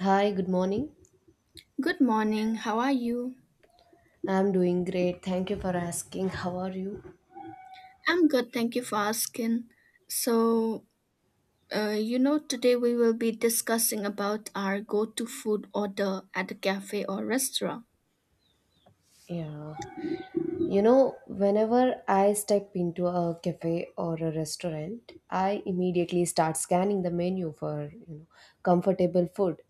Hi, good morning. Good morning. How are you? I'm doing great. Thank you for asking. How are you? I'm good. Thank you for asking. So today we will be discussing about our go-to food order at a cafe or restaurant. Yeah. You know, whenever I step into a cafe or a restaurant, I immediately start scanning the menu for, you know, comfortable food.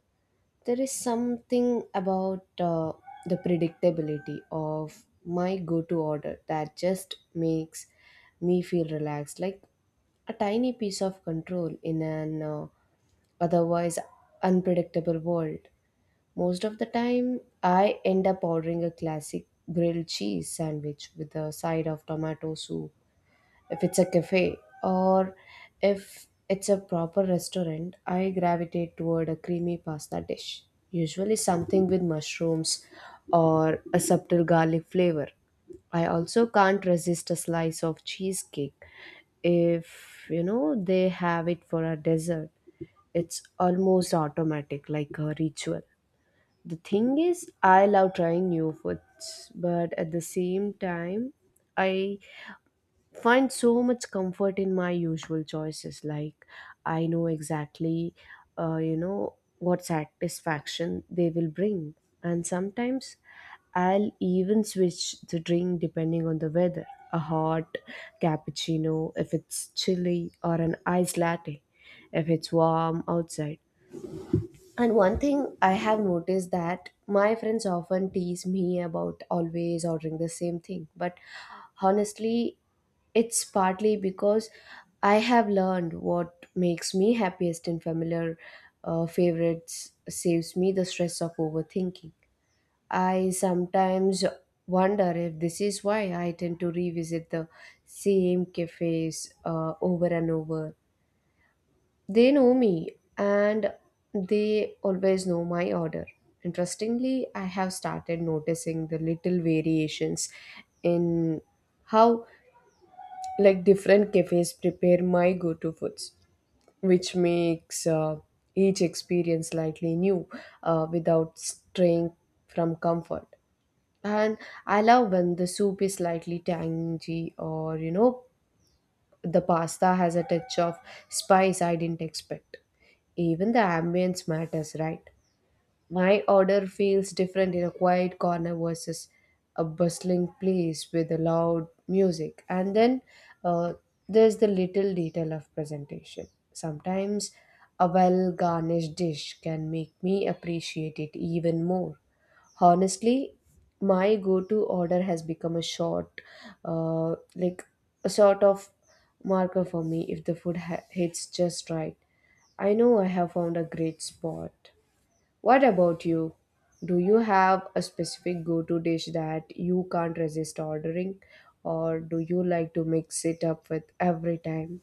There is something about the predictability of my go-to order that just makes me feel relaxed, like a tiny piece of control in an otherwise unpredictable world. Most of the time I end up ordering a classic grilled cheese sandwich with a side of tomato soup if it's a cafe, or if it's a proper restaurant, I gravitate toward a creamy pasta dish, usually something with mushrooms or a subtle garlic flavor. I also can't resist a slice of cheesecake if they have it for a dessert. It's almost automatic, like a ritual. The thing is, I love trying new foods, but at the same time, I find so much comfort in my usual choices. Like, I know exactly you know what satisfaction they will bring. And sometimes I'll even switch the drink depending on the weather: a hot cappuccino if it's chilly, or an iced latte if it's warm outside. And one thing I have noticed, that my friends often tease me about always ordering the same thing. But honestly, it's partly because I have learned what makes me happiest in familiar favorites, saves me the stress of overthinking. I sometimes wonder if this is why I tend to revisit the same cafes over and over. They know me, and they always know my order. Interestingly, I have started noticing the little variations in how, like, different cafes prepare my go-to foods, which makes each experience slightly new without straying from comfort. And I love when the soup is slightly tangy, or, you know, the pasta has a touch of spice I didn't expect. Even the ambience matters, right? My order feels different in a quiet corner versus a bustling place with a loud music. And then uh, there's the little detail of presentation. Sometimes a well garnished dish can make me appreciate it even more. Honestly, my go to order has become a short, uh, like a sort of marker for me. If the food hits just right, I know I have found a great spot. What about you? Do you have a specific go to dish that you can't resist ordering, or do you like to mix it up with every time?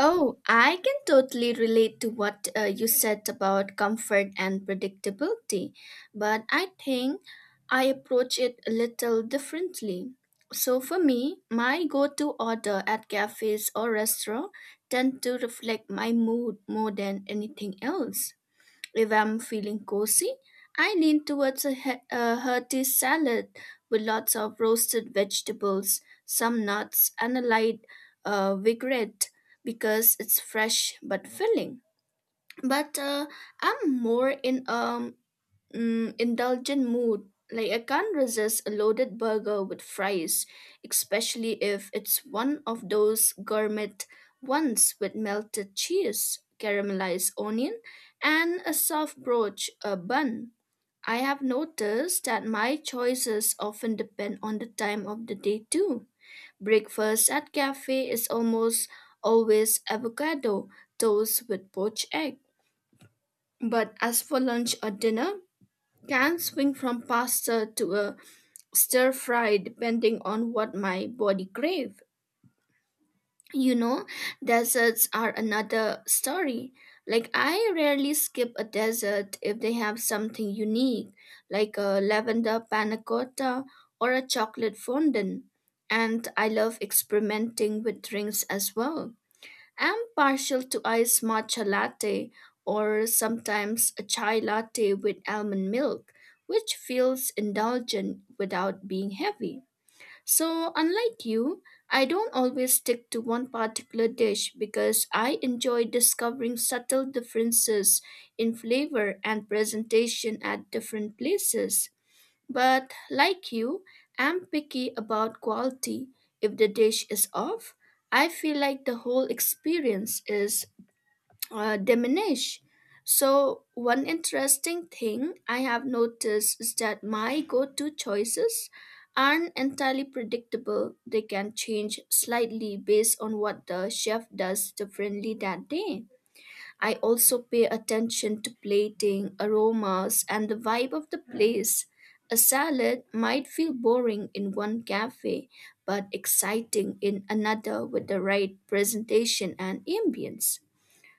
Oh, I can totally relate to what you said about comfort and predictability, but I think I approach it a little differently. So for me, my go-to order at cafes or restaurant tend to reflect my mood more than anything else. If I'm feeling cozy, I lean towards a hearty salad with lots of roasted vegetables, some nuts, and a light vinaigrette because it's fresh but filling. But I'm more in indulgent mood. Like I can't resist a loaded burger with fries, especially if it's one of those gourmet ones with melted cheese, caramelized onion, and a soft brioche bun. I have noticed that my choices often depend on the time of the day too. Breakfast at cafe is almost always avocado toast with poached egg. But as for lunch or dinner, can swing from pasta to a stir fry depending on what my body crave. You know, desserts are another story. Like I rarely skip a dessert if they have something unique, like a lavender panna cotta or a chocolate fondant. And I love experimenting with drinks as well. I'm partial to iced matcha latte or sometimes a chai latte with almond milk, which feels indulgent without being heavy. So, unlike you, I don't always stick to one particular dish because I enjoy discovering subtle differences in flavor and presentation at different places. But like you, I'm picky about quality. If the dish is off, I feel like the whole experience is diminished. So, one interesting thing I have noticed is that my go to choices aren't entirely predictable. They can change slightly based on what the chef does differently that day. I also pay attention to plating, aromas, and the vibe of the place. A salad might feel boring in one cafe, but exciting in another with the right presentation and ambience.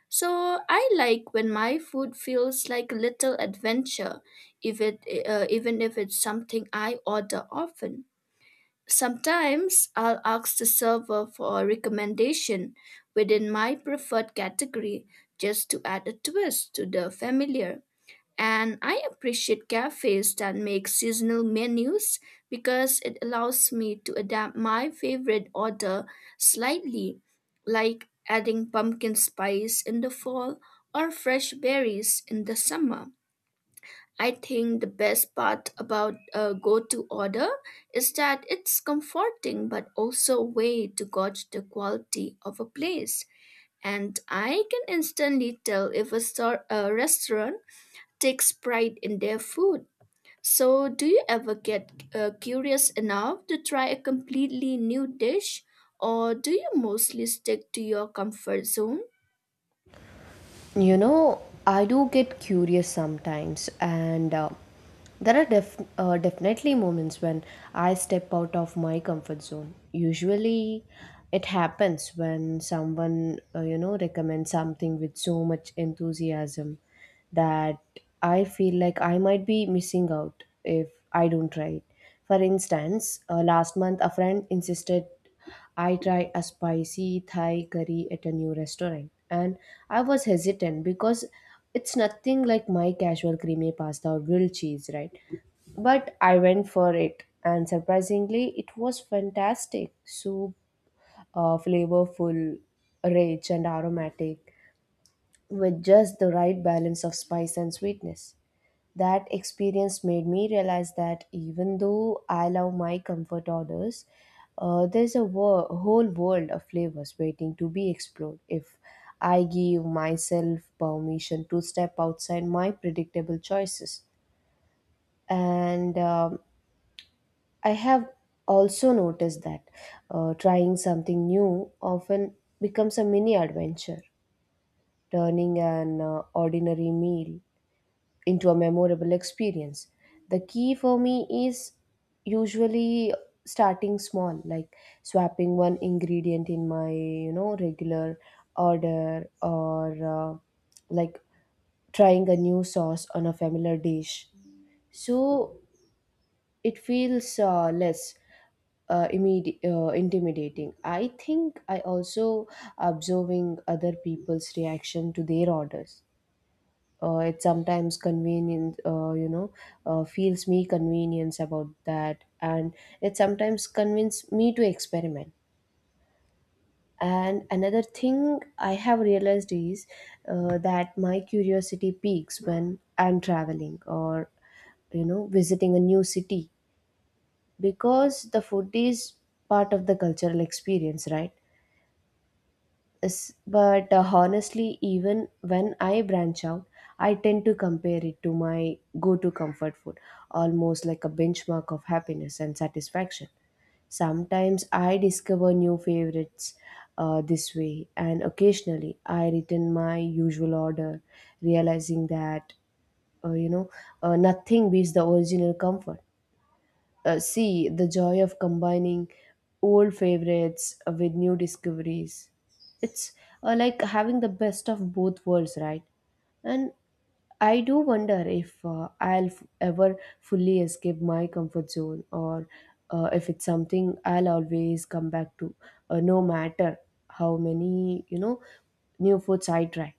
So I like when my food feels like a little adventure, if it, even if it's something I order often. Sometimes I'll ask the server for a recommendation within my preferred category just to add a twist to the familiar. And I appreciate cafes that make seasonal menus because it allows me to adapt my favorite order slightly, like adding pumpkin spice in the fall or fresh berries in the summer. I think the best part about a go to order is that it's comforting but also a way to gauge the quality of a place. And I can instantly tell if a restaurant takes pride in their food. So, do you ever get curious enough to try a completely new dish, or do you mostly stick to your comfort zone? You know, I do get curious sometimes, and there are definitely moments when I step out of my comfort zone. Usually, it happens when someone, you know, recommends something with so much enthusiasm that I feel like I might be missing out if I don't try it. For instance, last month a friend insisted I try a spicy Thai curry at a new restaurant, and I was hesitant because it's nothing like my casual creamy pasta or grilled cheese, right? But I went for it, and surprisingly, it was fantastic. Soup, flavorful, rich, and aromatic, with just the right balance of spice and sweetness. That experience made me realize that even though I love my comfort orders, there's a whole world of flavors waiting to be explored if I give myself permission to step outside my predictable choices. And I have also noticed that trying something new often becomes a mini adventure, turning an ordinary meal into a memorable experience. The key for me is usually starting small, like swapping one ingredient in my, you know, regular order, or like trying a new sauce on a familiar dish. So it feels less intimidating. I think I also observing other people's reaction to their orders, it sometimes convenience. Feels me convenience about that, and it sometimes convinces me to experiment. And another thing I have realized is that my curiosity peaks when I'm traveling or, you know, visiting a new city, because the food is part of the cultural experience, right? But honestly, even when I branch out, I tend to compare it to my go to comfort food, almost like a benchmark of happiness and satisfaction. Sometimes I discover new favorites this way, and occasionally I return my usual order, realizing that uh, you know nothing beats the original comfort. See the joy of combining old favorites with new discoveries. It's like having the best of both worlds, right? And I do wonder if I'll ever fully escape my comfort zone, or if it's something I'll always come back to, no matter how many, you know, new foods I try.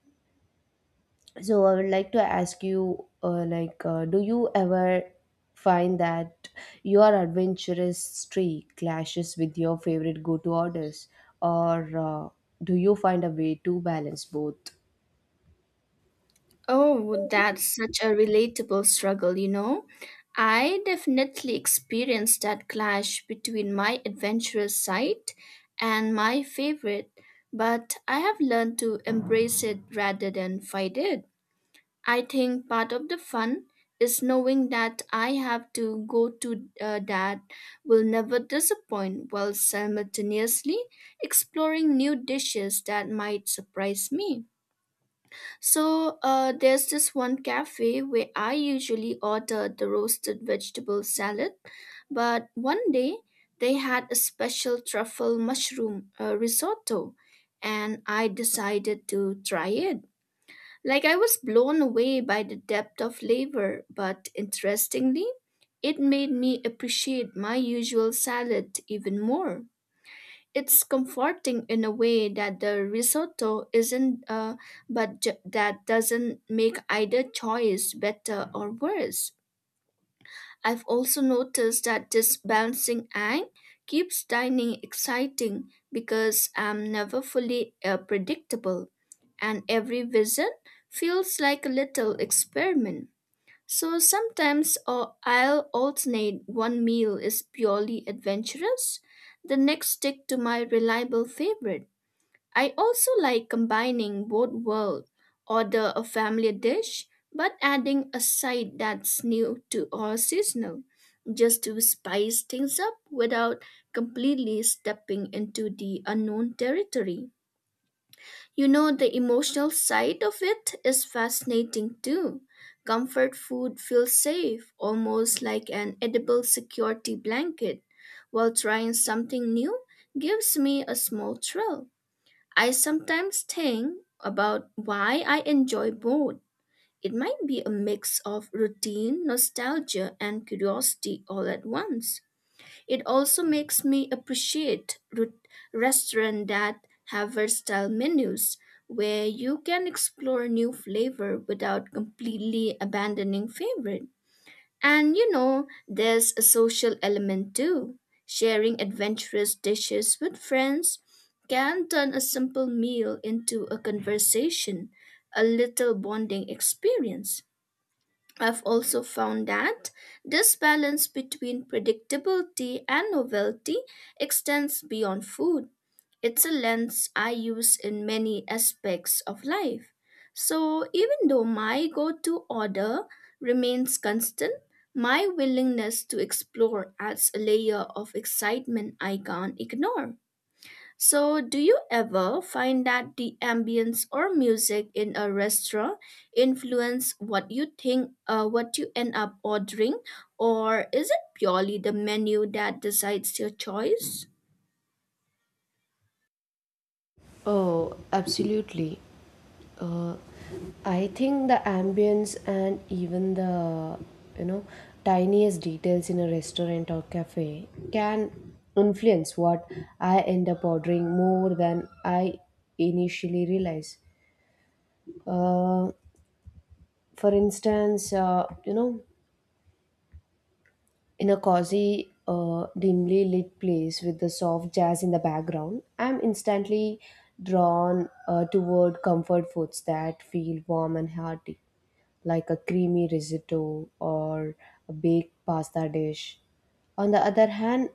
So I would like to ask you, do you ever find that your adventurous streak clashes with your favorite go-to orders, or do you find a way to balance both? Oh, that's such a relatable struggle, you know. I definitely experienced that clash between my adventurous side and my favorite, but I have learned to embrace it rather than fight it. I think part of the fun is knowing that I have to go to that will never disappoint while simultaneously exploring new dishes that might surprise me. So there's this one cafe where I usually order the roasted vegetable salad, but one day they had a special truffle mushroom risotto, and I decided to try it. Like I was blown away by the depth of flavor, but interestingly, it made me appreciate my usual salad even more. It's comforting in a way that the risotto isn't, that doesn't make either choice better or worse. I've also noticed that this balancing act keeps dining exciting because I'm never fully predictable, and every visit feels like a little experiment. So sometimes I'll alternate one meal is purely adventurous, the next stick to my reliable favorite. I also like combining both worlds, order a family dish, but adding a side that's new to or seasonal, just to spice things up without completely stepping into the unknown territory. You know, the emotional side of it is fascinating too. Comfort food feels safe, almost like an edible security blanket, while trying something new gives me a small thrill. I sometimes think about why I enjoy both. It might be a mix of routine, nostalgia, and curiosity all at once. It also makes me appreciate restaurants that have versatile menus where you can explore new flavor without completely abandoning favorite. And you know, there's a social element too. Sharing adventurous dishes with friends can turn a simple meal into a conversation, a little bonding experience. I've also found that this balance between predictability and novelty extends beyond food. It's a lens I use in many aspects of life. So, even though my go to order remains constant, my willingness to explore adds a layer of excitement I can't ignore. So, do you ever find that the ambience or music in a restaurant influence what you end up ordering, or is it purely the menu that decides your choice? Oh, absolutely. Uh, I think the ambience, and even the, you know, tiniest details in a restaurant or cafe can influence what I end up ordering more than I initially realize. Uh, for instance, you know, in a cozy, dimly lit place with the soft jazz in the background, I'm instantly drawn toward comfort foods that feel warm and hearty, like a creamy risotto or a baked pasta dish. On the other hand,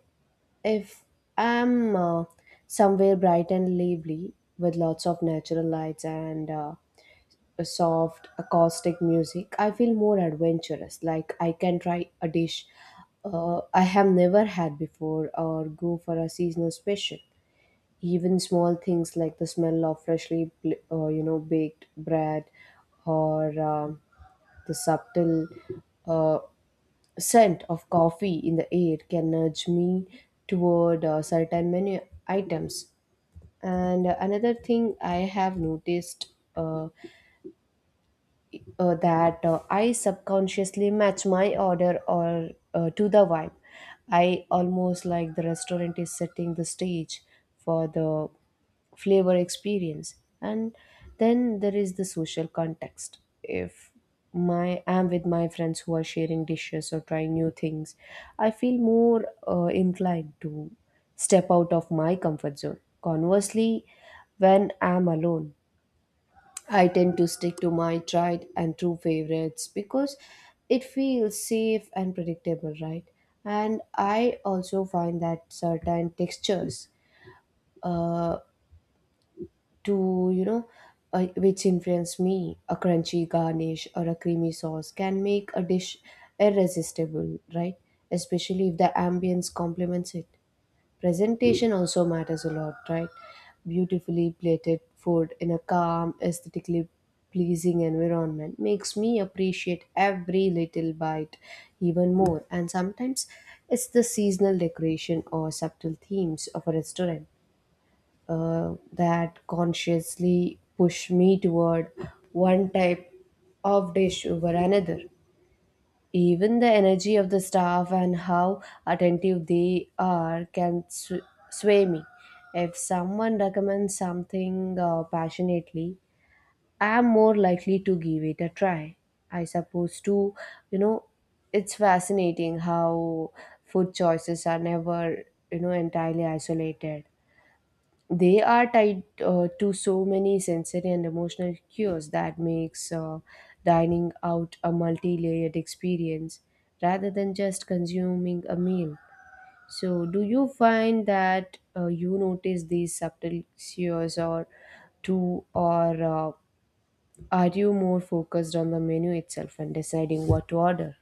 if I'm somewhere bright and lively with lots of natural lights and a soft acoustic music, I feel more adventurous, like I can try a dish I have never had before, or go for a seasonal special. Even small things like the smell of freshly you know, baked bread or the subtle uh, scent of coffee in the air can nudge me toward certain menu items. And another thing I have noticed, uh, that I subconsciously match my order or to the vibe. I almost like the restaurant is setting the stage for the flavor experience. And then there is the social context. If my am with my friends who are sharing dishes or trying new things, I feel more inclined to step out of my comfort zone. Conversely, when I'm alone, I tend to stick to my tried and true favorites because it feels safe and predictable, right? And I also find that certain textures uh, to, you know, which influence me, a crunchy garnish or a creamy sauce can make a dish irresistible, right? Especially if the ambience complements it. Presentation also matters a lot, right? Beautifully plated food in a calm, aesthetically pleasing environment makes me appreciate every little bite even more. And sometimes it's the seasonal decoration or subtle themes of a restaurant that consciously push me toward one type of dish over another. Even the energy of the staff and how attentive they are can sway me. If someone recommends something passionately, I am more likely to give it a try. I suppose too, you know, it's fascinating how food choices are never, you know, entirely isolated. They are tied to so many sensory and emotional cues, that makes dining out a multi-layered experience rather than just consuming a meal. So do you find that you notice these subtle cues or too, or are you more focused on the menu itself and deciding what to order?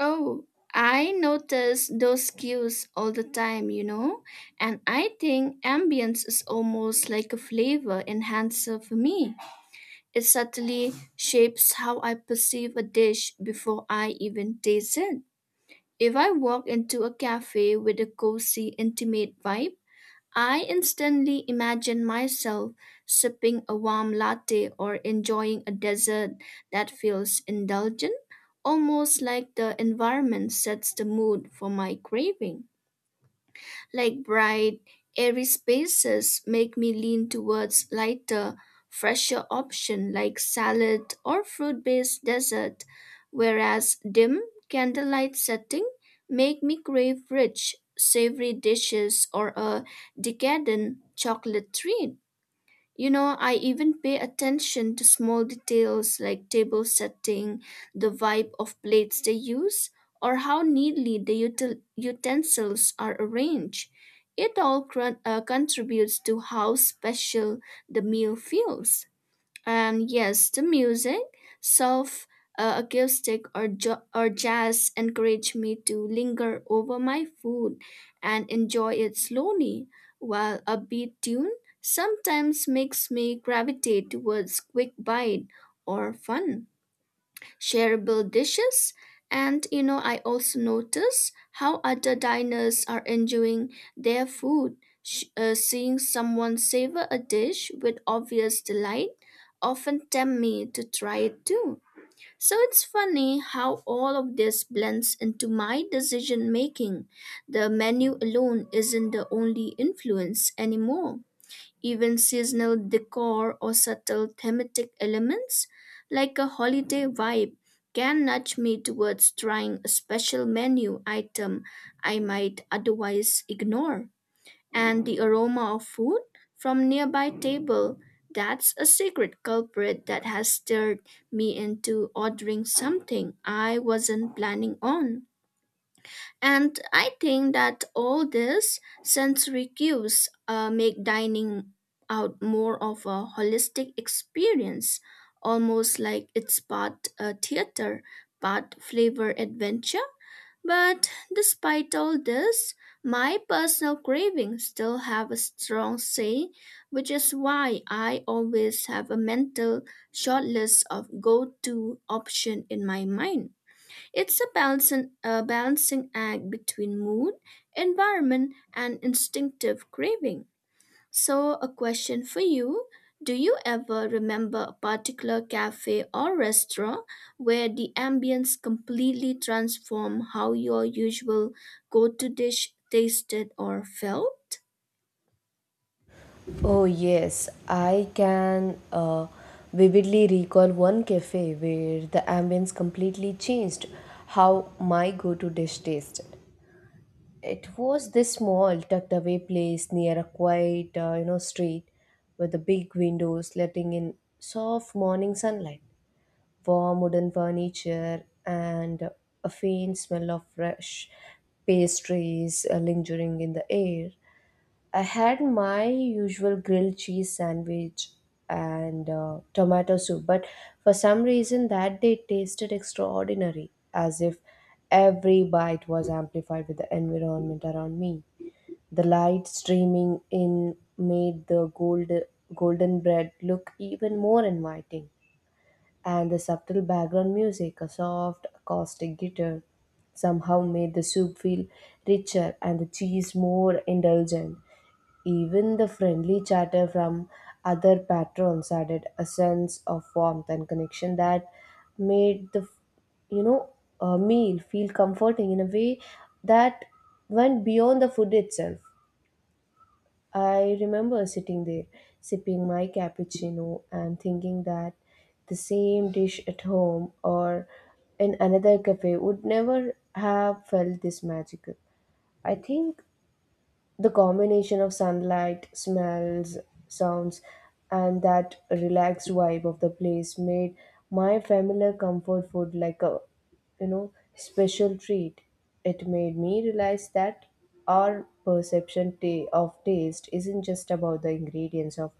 Oh, I notice those cues all the time, you know, and I think ambience is almost like a flavor enhancer for me. It subtly shapes how I perceive a dish before I even taste it. If I walk into a cafe with a cozy, intimate vibe, I instantly imagine myself sipping a warm latte or enjoying a dessert that feels indulgent, almost like the environment sets the mood for my craving. Like bright, airy spaces make me lean towards lighter, fresher option like salad or fruit-based dessert, whereas dim candlelight setting make me crave rich, savory dishes or a decadent chocolate treat. You know, I even pay attention to small details like table setting, the vibe of plates they use, or how neatly the utensils are arranged. It all contributes to how special the meal feels. And yes, the music, soft acoustic or jazz encourage me to linger over my food and enjoy it slowly, while a beat tune sometimes makes me gravitate towards quick bite or fun shareable dishes. And you know, I also notice how other diners are enjoying their food. Seeing someone savor a dish with obvious delight often tempt me to try it too. So it's funny how all of this blends into my decision making. The menu alone isn't the only influence anymore. Even seasonal decor or subtle thematic elements, like a holiday vibe, can nudge me towards trying a special menu item I might otherwise ignore. And the aroma of food from nearby table, that's a secret culprit that has stirred me into ordering something I wasn't planning on. And I think that all these sensory cues make dining out more of a holistic experience, almost like it's part theater, part flavor adventure. But despite all this, my personal cravings still have a strong say, which is why I always have a mental shortlist of go to option in my mind. It's a balancing act between mood, environment, and instinctive craving. So, a question for you. Do you ever remember a particular cafe or restaurant where the ambience completely transformed how your usual go to dish tasted or felt? Oh, yes, I can vividly recall one cafe where the ambience completely changed how my go to dish tasted. It was this small, tucked away place near a quiet, you know, street, with the big windows letting in soft morning sunlight, warm wooden furniture, and a faint smell of fresh pastries lingering in the air. I had my usual grilled cheese sandwich and tomato soup, but for some reason that day tasted extraordinary, as if every bite was amplified with the environment around me. The light streaming in made the golden bread look even more inviting, and the subtle background music, a soft acoustic guitar, somehow made the soup feel richer and the cheese more indulgent. Even the friendly chatter from other patrons added a sense of warmth and connection that made the you know meal feel comforting in a way that went beyond the food itself. I remember sitting there sipping my cappuccino and thinking that the same dish at home or in another cafe would never have felt this magical. I think the combination of sunlight, smells, sounds, and that relaxed vibe of the place made my familiar comfort food like a, you know, special treat. It made me realize that our perception of taste isn't just about the ingredients of,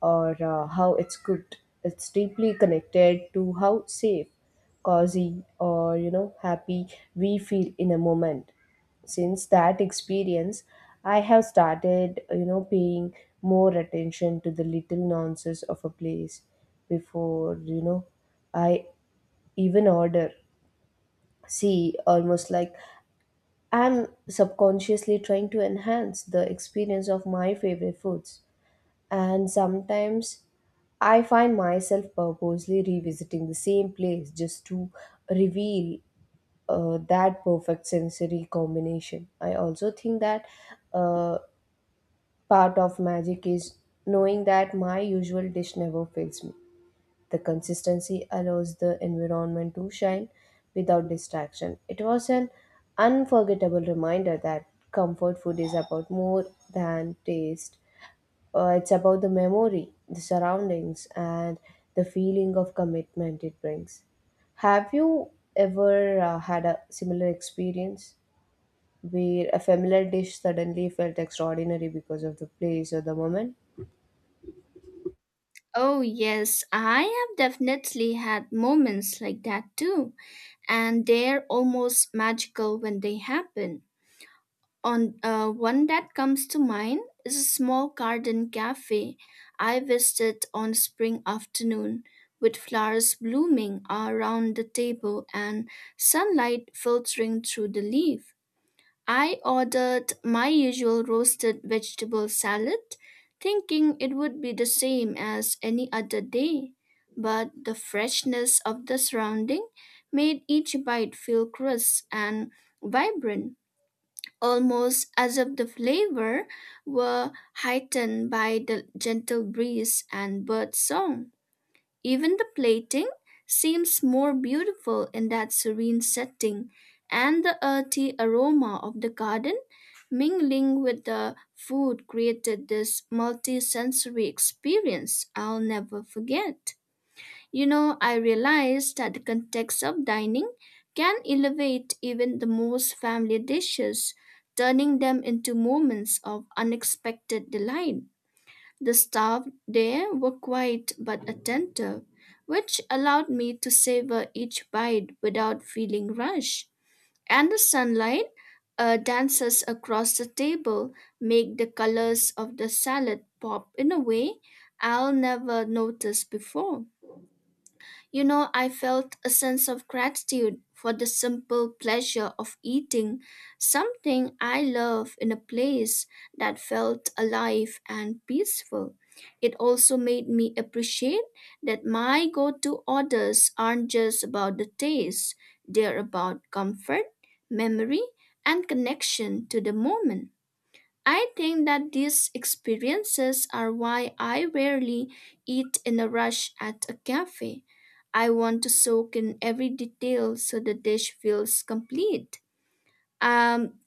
or how it's cooked. It's deeply connected to how safe, cozy, or happy we feel in a moment since that experience I have started paying more attention to the little nuances of a place before I even order. See almost like I'm subconsciously trying to enhance the experience of my favorite foods, and sometimes I find myself purposely revisiting the same place just to reveal that perfect sensory combination. I also think that uh, part of magic is knowing that my usual dish never fails me. The consistency allows the environment to shine without distraction. It was an unforgettable reminder that comfort food is about more than taste. It's about the memory, the surroundings, and the feeling of commitment it brings. Have you ever had a similar experience, where a familiar dish suddenly felt extraordinary because of the place or the moment? Oh, yes, I have definitely had moments like that too, and they're almost magical when they happen. On One that comes to mind is a small garden cafe I visited on spring afternoon, with flowers blooming around the table and sunlight filtering through the leaf. I ordered my usual roasted vegetable salad, thinking it would be the same as any other day, but the freshness of the surrounding made each bite feel crisp and vibrant, almost as if the flavor were heightened by the gentle breeze and bird song. Even the plating seems more beautiful in that serene setting, and the earthy aroma of the garden mingling with the food created this multi sensory experience I'll never forget. You know, I realized that the context of dining can elevate even the most family dishes, turning them into moments of unexpected delight. The staff there were quiet but attentive, which allowed me to savor each bite without feeling rushed. And the sunlight dances across the table make the colors of the salad pop in a way I'll never notice before. You know, I felt a sense of gratitude for the simple pleasure of eating something I love in a place that felt alive and peaceful. It also made me appreciate that my go to orders aren't just about the taste, they're about comfort, memory, and connection to the moment. I think that these experiences are why I rarely eat in a rush at a cafe. I want to soak in every detail so the dish feels complete. Um,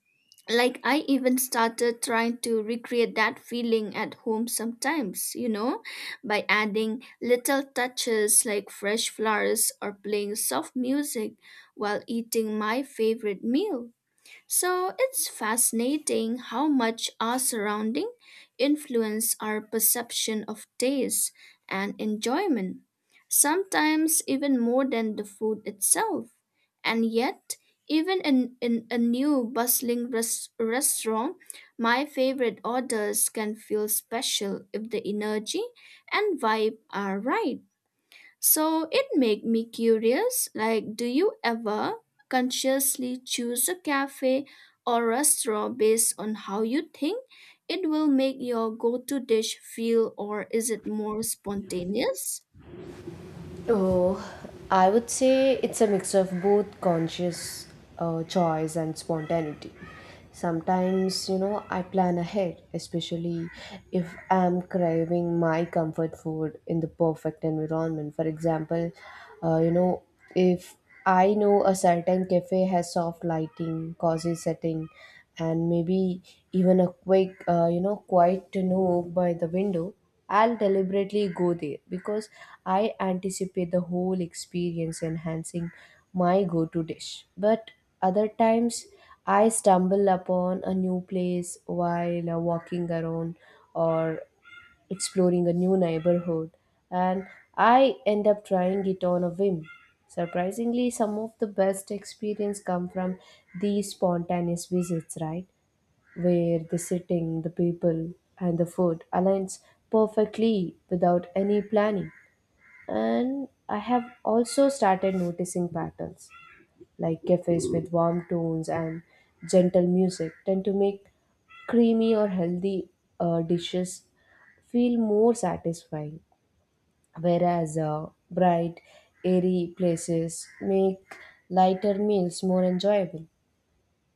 like I even started trying to recreate that feeling at home sometimes, you know, by adding little touches like fresh flowers or playing soft music while eating my favorite meal. So it's fascinating how much our surrounding influence our perception of taste and enjoyment, sometimes even more than the food itself. And yet, even in a new bustling restaurant, my favorite orders can feel special if the energy and vibe are right. So it made me curious, like, do you ever consciously choose a cafe or restaurant based on how you think it will make your go-to dish feel, or is it more spontaneous? Oh, I would say it's a mix of both conscious choice and spontaneity. Sometimes, you know, I plan ahead, especially if I'm craving my comfort food in the perfect environment. For example, you know, if I know a certain cafe has soft lighting, cozy setting, and maybe even a quick, you know, quiet to know by the window, I'll deliberately go there because I anticipate the whole experience enhancing my go to dish. But other times, I stumble upon a new place while walking around or exploring a new neighborhood, and I end up trying it on a whim. Surprisingly, some of the best experience come from these spontaneous visits, right? Where the setting, the people, and the food aligns perfectly without any planning. And I have also started noticing patterns like cafes with warm tones and gentle music tend to make creamy or healthy dishes feel more satisfying, whereas bright, airy places make lighter meals more enjoyable.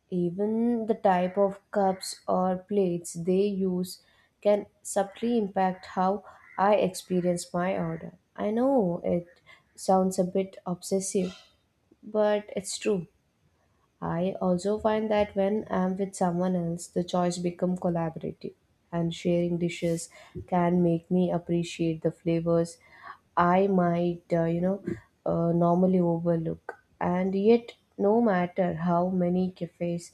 Even the type of cups or plates they use can subtly impact how I experience my order. I know it sounds a bit obsessive, but it's true. I also find that when I'm with someone else, the choice become collaborative, and sharing dishes can make me appreciate the flavors I might, normally overlook. And yet, no matter how many cafes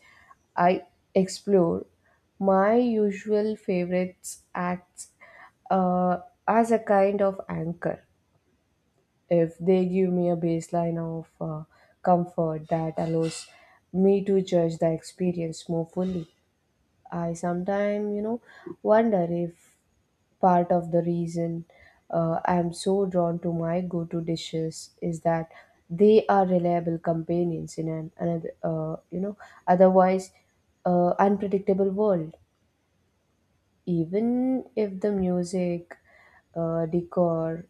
I explore, my usual favorites acts uh, as a kind of anchor if they give me a baseline of comfort that allows me to judge the experience more fully. I sometimes, you know, wonder if part of the reason I'm so drawn to my go to dishes is that they are reliable companions in an another, otherwise unpredictable world. Even if the music, decor,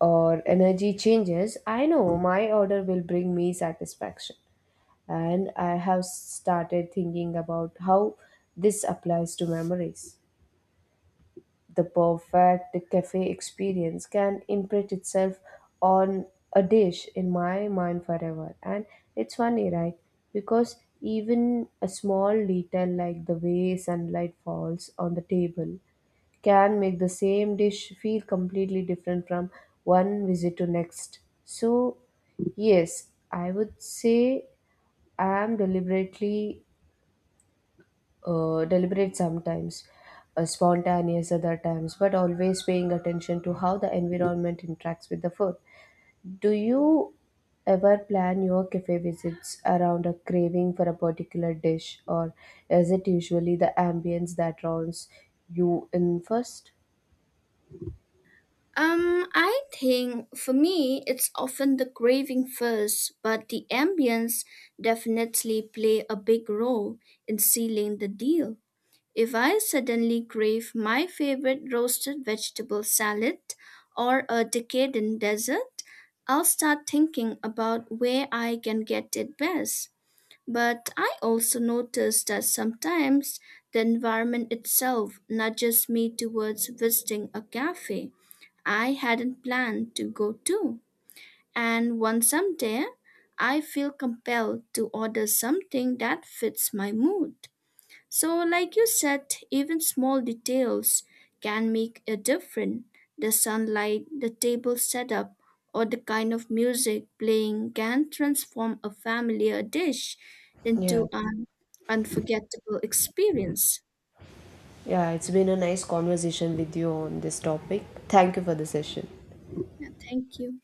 or energy changes, I know my order will bring me satisfaction. And I have started thinking about how this applies to memories. The perfect cafe experience can imprint itself on a dish in my mind forever. And it's funny, right? Because even a small detail like the way sunlight falls on the table can make the same dish feel completely different from one visit to next. So, yes, I would say I am deliberate sometimes, spontaneous other times, but always paying attention to how the environment interacts with the food. Do you ever plan your cafe visits around a craving for a particular dish, or is it usually the ambience that draws you in first? Um, I think for me it's often the craving first, but the ambience definitely play a big role in sealing the deal. If I suddenly crave my favorite roasted vegetable salad or a decadent dessert, I'll start thinking about where I can get it best. But I also notice that sometimes the environment itself nudges me towards visiting a cafe I hadn't planned to go to. And once I'm there, I feel compelled to order something that fits my mood. So, like you said, even small details can make a difference. The sunlight, the table setup, or the kind of music playing can transform a familiar dish Yeah, into an unforgettable experience. yeah, it's been a nice conversation with you on this topic. Thank you for the session. Yeah, thank you.